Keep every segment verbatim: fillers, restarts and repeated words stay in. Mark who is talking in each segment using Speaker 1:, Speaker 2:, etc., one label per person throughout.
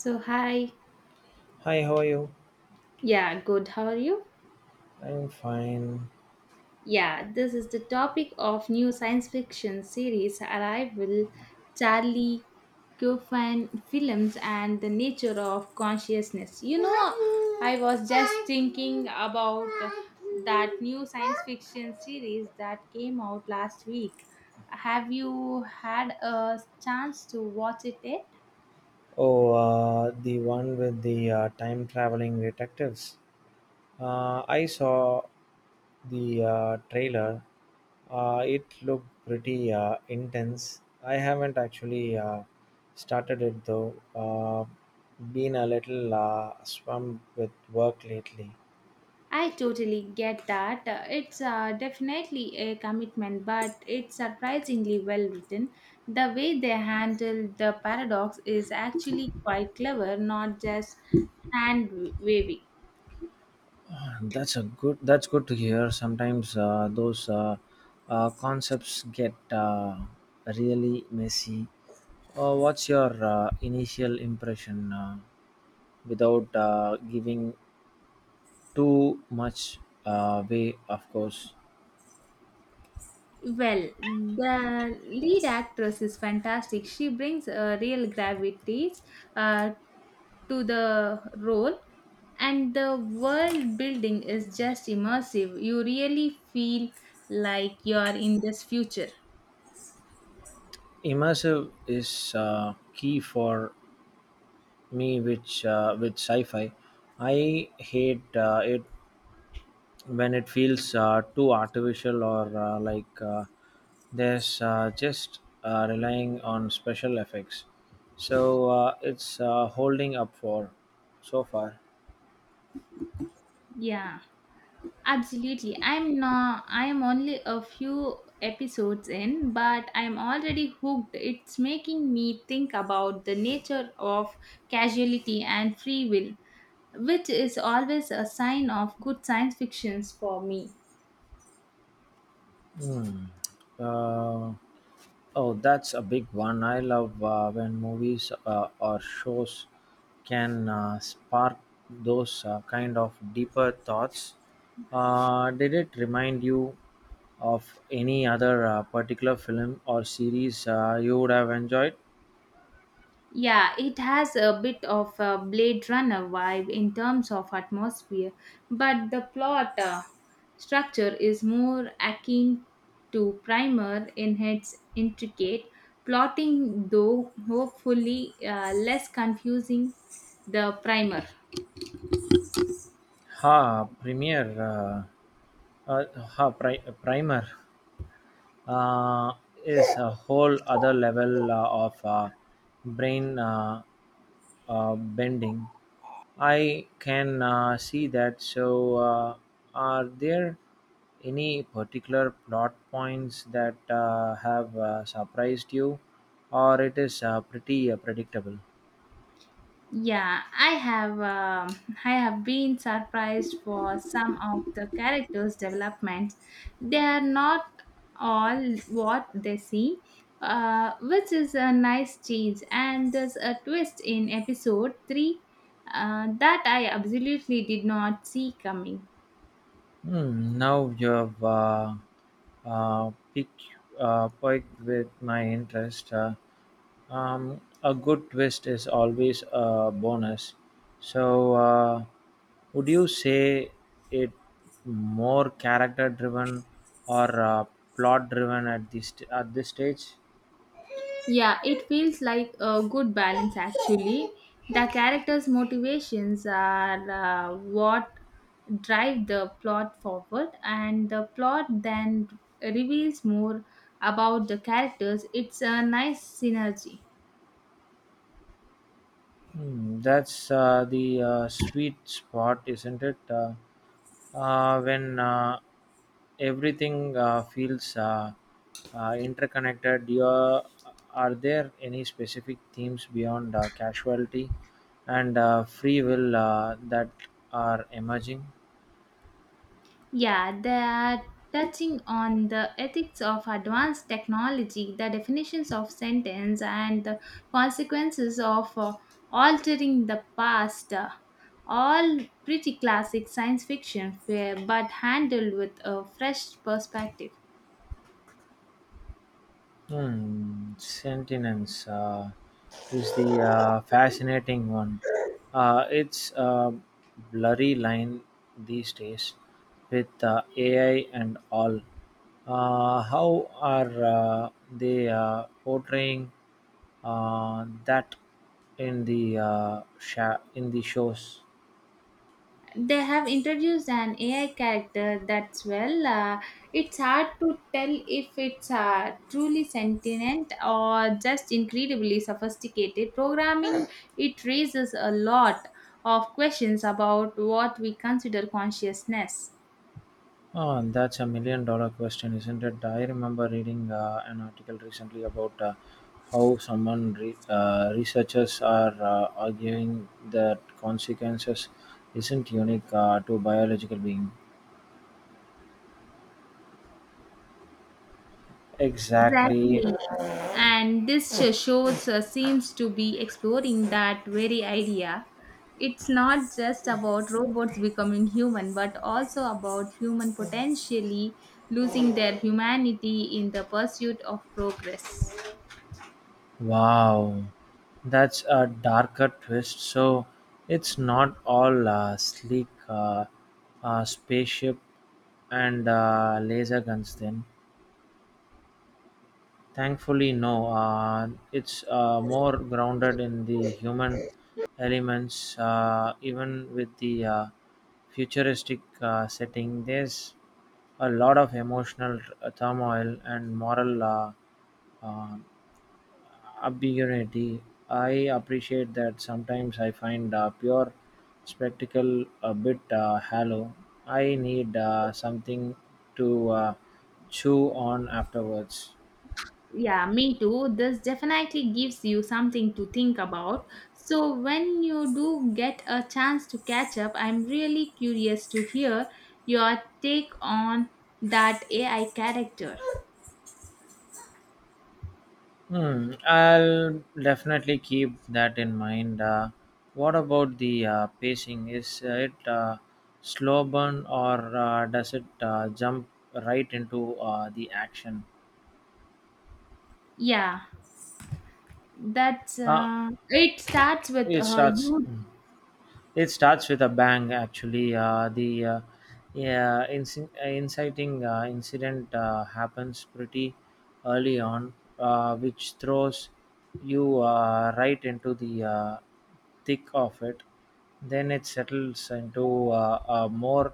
Speaker 1: So, hi.
Speaker 2: Hi, how are you?
Speaker 1: Yeah, good. How are you?
Speaker 2: I'm fine.
Speaker 1: Yeah, this is the topic of new science fiction series Arrival, Charlie Kaufman films, and the nature of consciousness. You know, I was just thinking about that new science fiction series that came out last week. Have you had a chance to watch it yet?
Speaker 2: Oh, uh, the one with the uh, time traveling detectives. Uh, I saw the uh, trailer. Uh, it looked pretty uh, intense. I haven't actually uh, started it though. Uh, been a little uh, swamped with work lately.
Speaker 1: I totally get that. Uh, It's uh, definitely a commitment, but it's surprisingly well written. The way they handle the paradox is actually quite clever, not just hand wavy.
Speaker 2: That's a good. That's good to hear. Sometimes uh, those uh, uh, concepts get uh, really messy. Uh, what's your uh, initial impression, uh, without uh, giving too much uh, way? Of course,
Speaker 1: Well, the lead actress is fantastic. She brings a real gravity uh, to the role, and the world building is just immersive. You really feel like you're in this future.
Speaker 2: immersive is uh, key for me. Which uh, With sci-fi, I hate uh, it when it feels uh, too artificial or uh, like uh, there's uh, just uh, relying on special effects so uh, it's uh, holding up for so far.
Speaker 1: Yeah, absolutely. I'm not, I am only a few episodes in, but I'm already hooked. It's making me think about the nature of casuality and free will, which is always a sign of good science fictions for me.
Speaker 2: Hmm. Uh, oh, that's a big one. I love uh, when movies uh, or shows can uh, spark those uh, kind of deeper thoughts. Uh, did it remind you of any other uh, particular film or series uh, you would have enjoyed?
Speaker 1: Yeah, it has a bit of a Blade Runner vibe in terms of atmosphere, but the plot uh, structure is more akin to Primer in its intricate plotting, though hopefully uh, less confusing the Primer.
Speaker 2: Ha, premiere, uh, uh, ha, pri- primer. uh, is a whole other level uh, of uh, brain uh, uh, bending. I can uh, see that. So, uh, are there any particular plot points that uh, have uh, surprised you, or it is uh, pretty uh, predictable?
Speaker 1: Yeah, I have um, I have been surprised for some of the characters' developments. They are not all what they seem, uh, which is a nice change. And there's a twist in episode three uh, that I absolutely did not see coming.
Speaker 2: Hmm, now you've uh, uh, piqued, uh, piqued with my interest. Uh, um, a good twist is always a bonus. So, uh, would you say it more character driven or uh, plot driven at this at this stage?
Speaker 1: Yeah, it feels like a good balance actually. The characters' motivations are uh, what drive the plot forward, and the plot then reveals more about the characters. It's a nice synergy.
Speaker 2: Hmm, that's uh, the uh, sweet spot, isn't it? Uh, uh, when uh, everything uh, feels uh, uh, interconnected. You are, are there any specific themes beyond uh, casualty and uh, free will uh, that are emerging?
Speaker 1: Yeah, they are touching on the ethics of advanced technology, the definitions of sentence, and the consequences of uh, altering the past. Uh, All pretty classic science fiction, where- but handled with a fresh perspective.
Speaker 2: Hmm, Sentinence uh, is the uh, fascinating one. Uh, it's a blurry line these days with uh, A I and all. Uh, how are uh, they uh, portraying uh, that in the uh, sha- in the shows?
Speaker 1: They have introduced an A I character that's well, uh, it's hard to tell if it's uh, truly sentient or just incredibly sophisticated. Programming it raises a lot of questions about what we consider consciousness.
Speaker 2: Oh, and that's a million dollar question, isn't it? I remember reading uh, an article recently about uh, how someone re- uh, researchers are uh, arguing that consequences isn't unique uh, to biological being. Exactly.
Speaker 1: Exactly. And this uh, shows uh, seems to be exploring that very idea. It's not just about robots becoming human, but also about human potentially losing their humanity in the pursuit of progress.
Speaker 2: Wow. That's a darker twist. So it's not all uh, sleek uh, uh, spaceship and uh, laser guns then. Thankfully no, uh, it's uh, more grounded in the human elements uh, even with the uh, futuristic uh, setting. There's a lot of emotional uh, turmoil and moral uh, uh, ambiguity. I appreciate that. Sometimes I find uh, pure spectacle a bit uh, hollow. I need uh, something to uh, chew on afterwards.
Speaker 1: Yeah, me too. This definitely gives you something to think about, so when you do get a chance to catch up, I'm really curious to hear your take on that AI character.
Speaker 2: Hmm, I'll definitely keep that in mind. Uh, what about the uh, pacing? Is it uh, slow burn or uh, does it uh, jump right into uh, the action?
Speaker 1: Yeah. That's
Speaker 2: Uh,
Speaker 1: uh, It starts with
Speaker 2: it
Speaker 1: uh,
Speaker 2: starts.
Speaker 1: you.
Speaker 2: Hmm. It starts with a bang, actually. Uh, the uh, yeah, inci- uh, inciting uh, incident uh, happens pretty early on, uh, which throws you uh, right into the uh, thick of it. Then it settles into uh, a more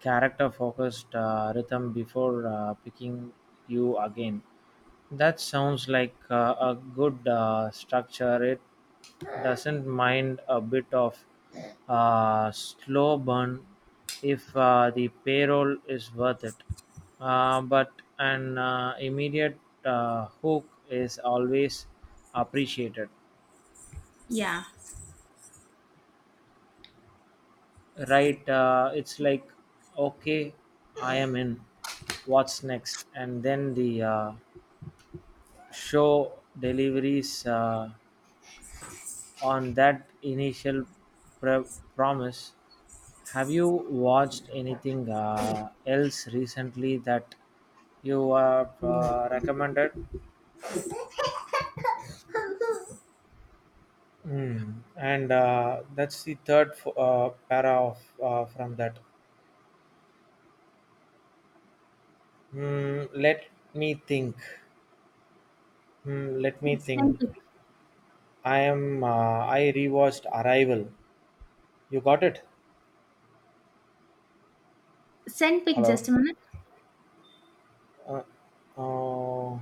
Speaker 2: character focused uh, rhythm before uh, picking you again. That sounds like uh, a good uh, structure. It doesn't mind a bit of uh, slow burn if uh, the payroll is worth it. Uh, but an uh, immediate uh, hook is always appreciated.
Speaker 1: Yeah,
Speaker 2: Right? Uh, it's like, okay, I am in. What's next? And then the uh, show deliveries. Uh, On that initial pre- promise, have you watched anything uh, else recently that you have uh, recommended? Hmm. And uh, that's the third f- uh, para of uh, from that. Hmm. Let me think. Hmm. Let me think.
Speaker 1: send pic.
Speaker 2: I am. Uh, I rewatched Arrival. You got it.
Speaker 1: Send pic. Just
Speaker 2: Hello.
Speaker 1: a minute.
Speaker 2: Uh, oh.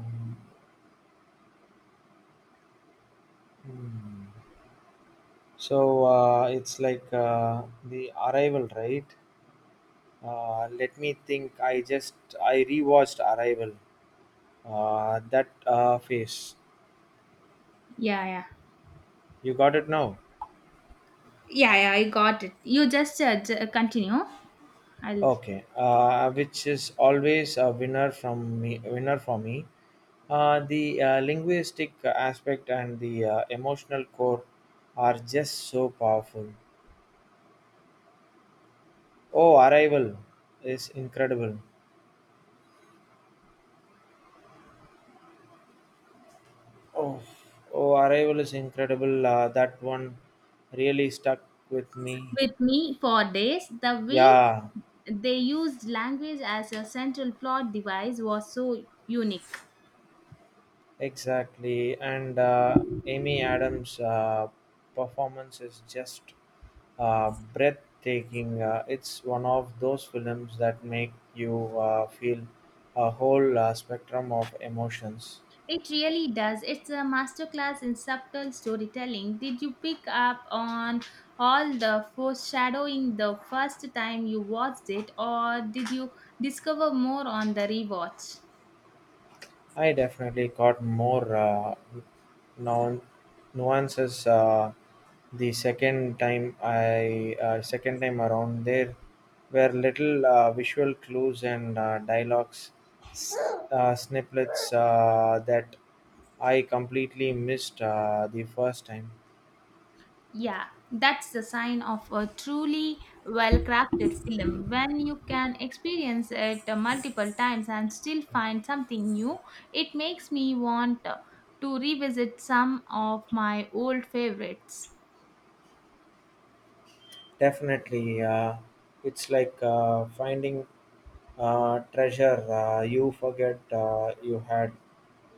Speaker 2: Hmm. So uh, it's like uh, the Arrival, right? Uh, let me think. I just I rewatched Arrival. Uh, that uh, face.
Speaker 1: Yeah, yeah,
Speaker 2: You got it now.
Speaker 1: yeah, yeah. I got it. You just uh, j- uh, continue. I'll
Speaker 2: Okay. Uh, which is always a winner from me. Winner for me. Uh, the uh, linguistic aspect and the uh, emotional core are just so powerful. Oh, Arrival is incredible. Oh, oh, Arrival is incredible. Uh, that one really stuck with me.
Speaker 1: with me for days. The way
Speaker 2: Yeah,
Speaker 1: they used language as a central plot device was so unique.
Speaker 2: exactly. And uh, Amy Adams' uh, performance is just uh, breathtaking. Uh, it's one of those films that make you uh, feel a whole uh, spectrum of emotions.
Speaker 1: It really does. It's a masterclass in subtle storytelling. Did you pick up on all the foreshadowing the first time you watched it, or did you discover more on the rewatch?
Speaker 2: I definitely got more uh, nuan- nuances uh, the second time I uh, second time around. There were little uh, visual clues and uh, dialogues s- uh, snippets uh, that I completely missed uh, the first time.
Speaker 1: Yeah, that's the sign of a truly well crafted film. When you can experience it uh, multiple times and still find something new, it makes me want uh, to revisit some of my old favorites.
Speaker 2: Definitely, uh, it's like uh, finding uh, treasure uh, you forget uh, you had.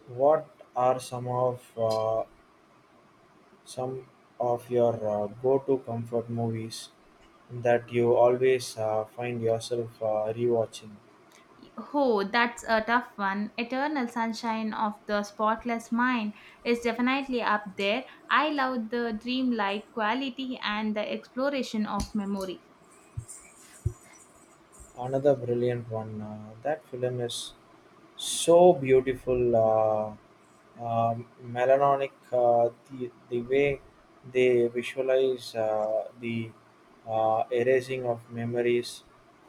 Speaker 2: What are some of uh, some of your uh, go-to comfort movies that you always uh, find yourself uh, rewatching?
Speaker 1: Oh, that's a tough one. Eternal Sunshine of the Spotless Mind is definitely up there. I love the dreamlike quality and the exploration of memory.
Speaker 2: Another brilliant one. Uh, that film is so beautiful, uh, uh, melancholic. Uh, the the way they visualize uh, the uh, erasing of memories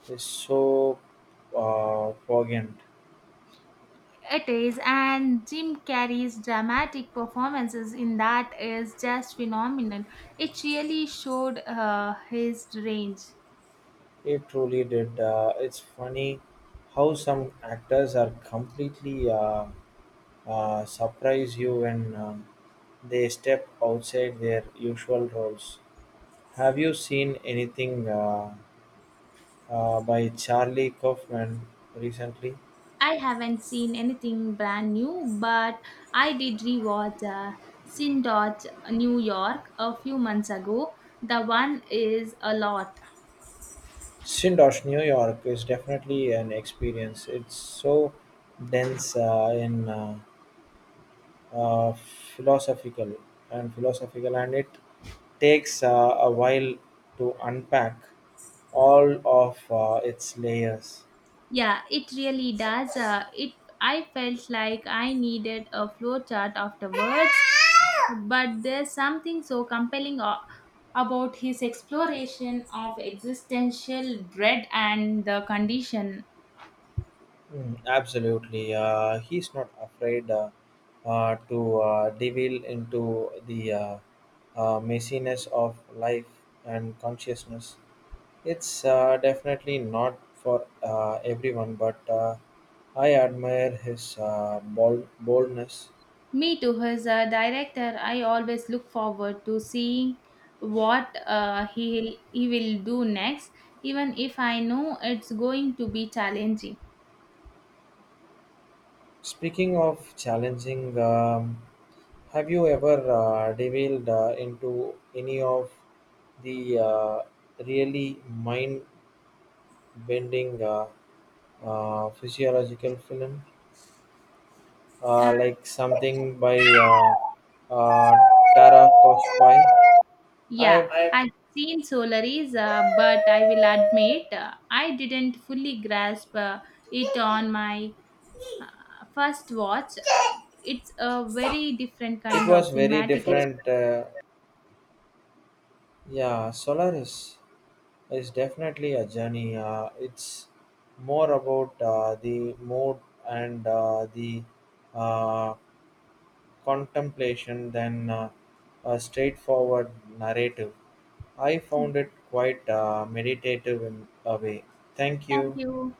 Speaker 2: is so uh, poignant.
Speaker 1: It is, and Jim Carrey's dramatic performances in that is just phenomenal. It really showed uh, his range.
Speaker 2: It truly did. Uh, it's funny how some actors are completely uh, uh, surprise you when um, they step outside their usual roles. Have you seen anything uh, uh, by Charlie Kaufman recently?
Speaker 1: I haven't seen anything brand new, but I did rewatch uh, Sin Dodge New York a few months ago. The one is a lot.
Speaker 2: Shindosh, New York is definitely an experience. It's so dense uh, in uh, uh, philosophical and philosophical, and it takes uh, a while to unpack all of uh, its layers.
Speaker 1: Yeah, it really does. Uh, it I felt like I needed a flowchart afterwards, but there's something so compelling a- about his exploration of existential dread and the condition.
Speaker 2: Mm, absolutely. Uh, he's not afraid uh, uh, to uh, delve into the uh, uh, messiness of life and consciousness. It's uh, definitely not for uh, everyone, but uh, I admire his uh, bold- boldness.
Speaker 1: Me too. As a director, I always look forward to seeing what uh, he he will do next, even if I know it's going to be challenging.
Speaker 2: Speaking of challenging, um, have you ever uh, delved uh, into any of the uh, really mind bending? Uh, physiological film,
Speaker 1: Uh,
Speaker 2: uh, like something by uh, uh, Tarkovsky.
Speaker 1: yeah,
Speaker 2: I
Speaker 1: I have seen Solaris, uh, but I will admit uh, I didn't fully grasp uh, it on my first watch. It's a very different
Speaker 2: It
Speaker 1: kind of
Speaker 2: was very
Speaker 1: cinematic.
Speaker 2: different. Uh, yeah, Solaris is definitely a journey. Uh, it's more about uh, the mood and uh, the uh, contemplation than uh, a straightforward narrative. I found it quite uh, meditative in a way. Thank
Speaker 1: Thank
Speaker 2: you.
Speaker 1: you.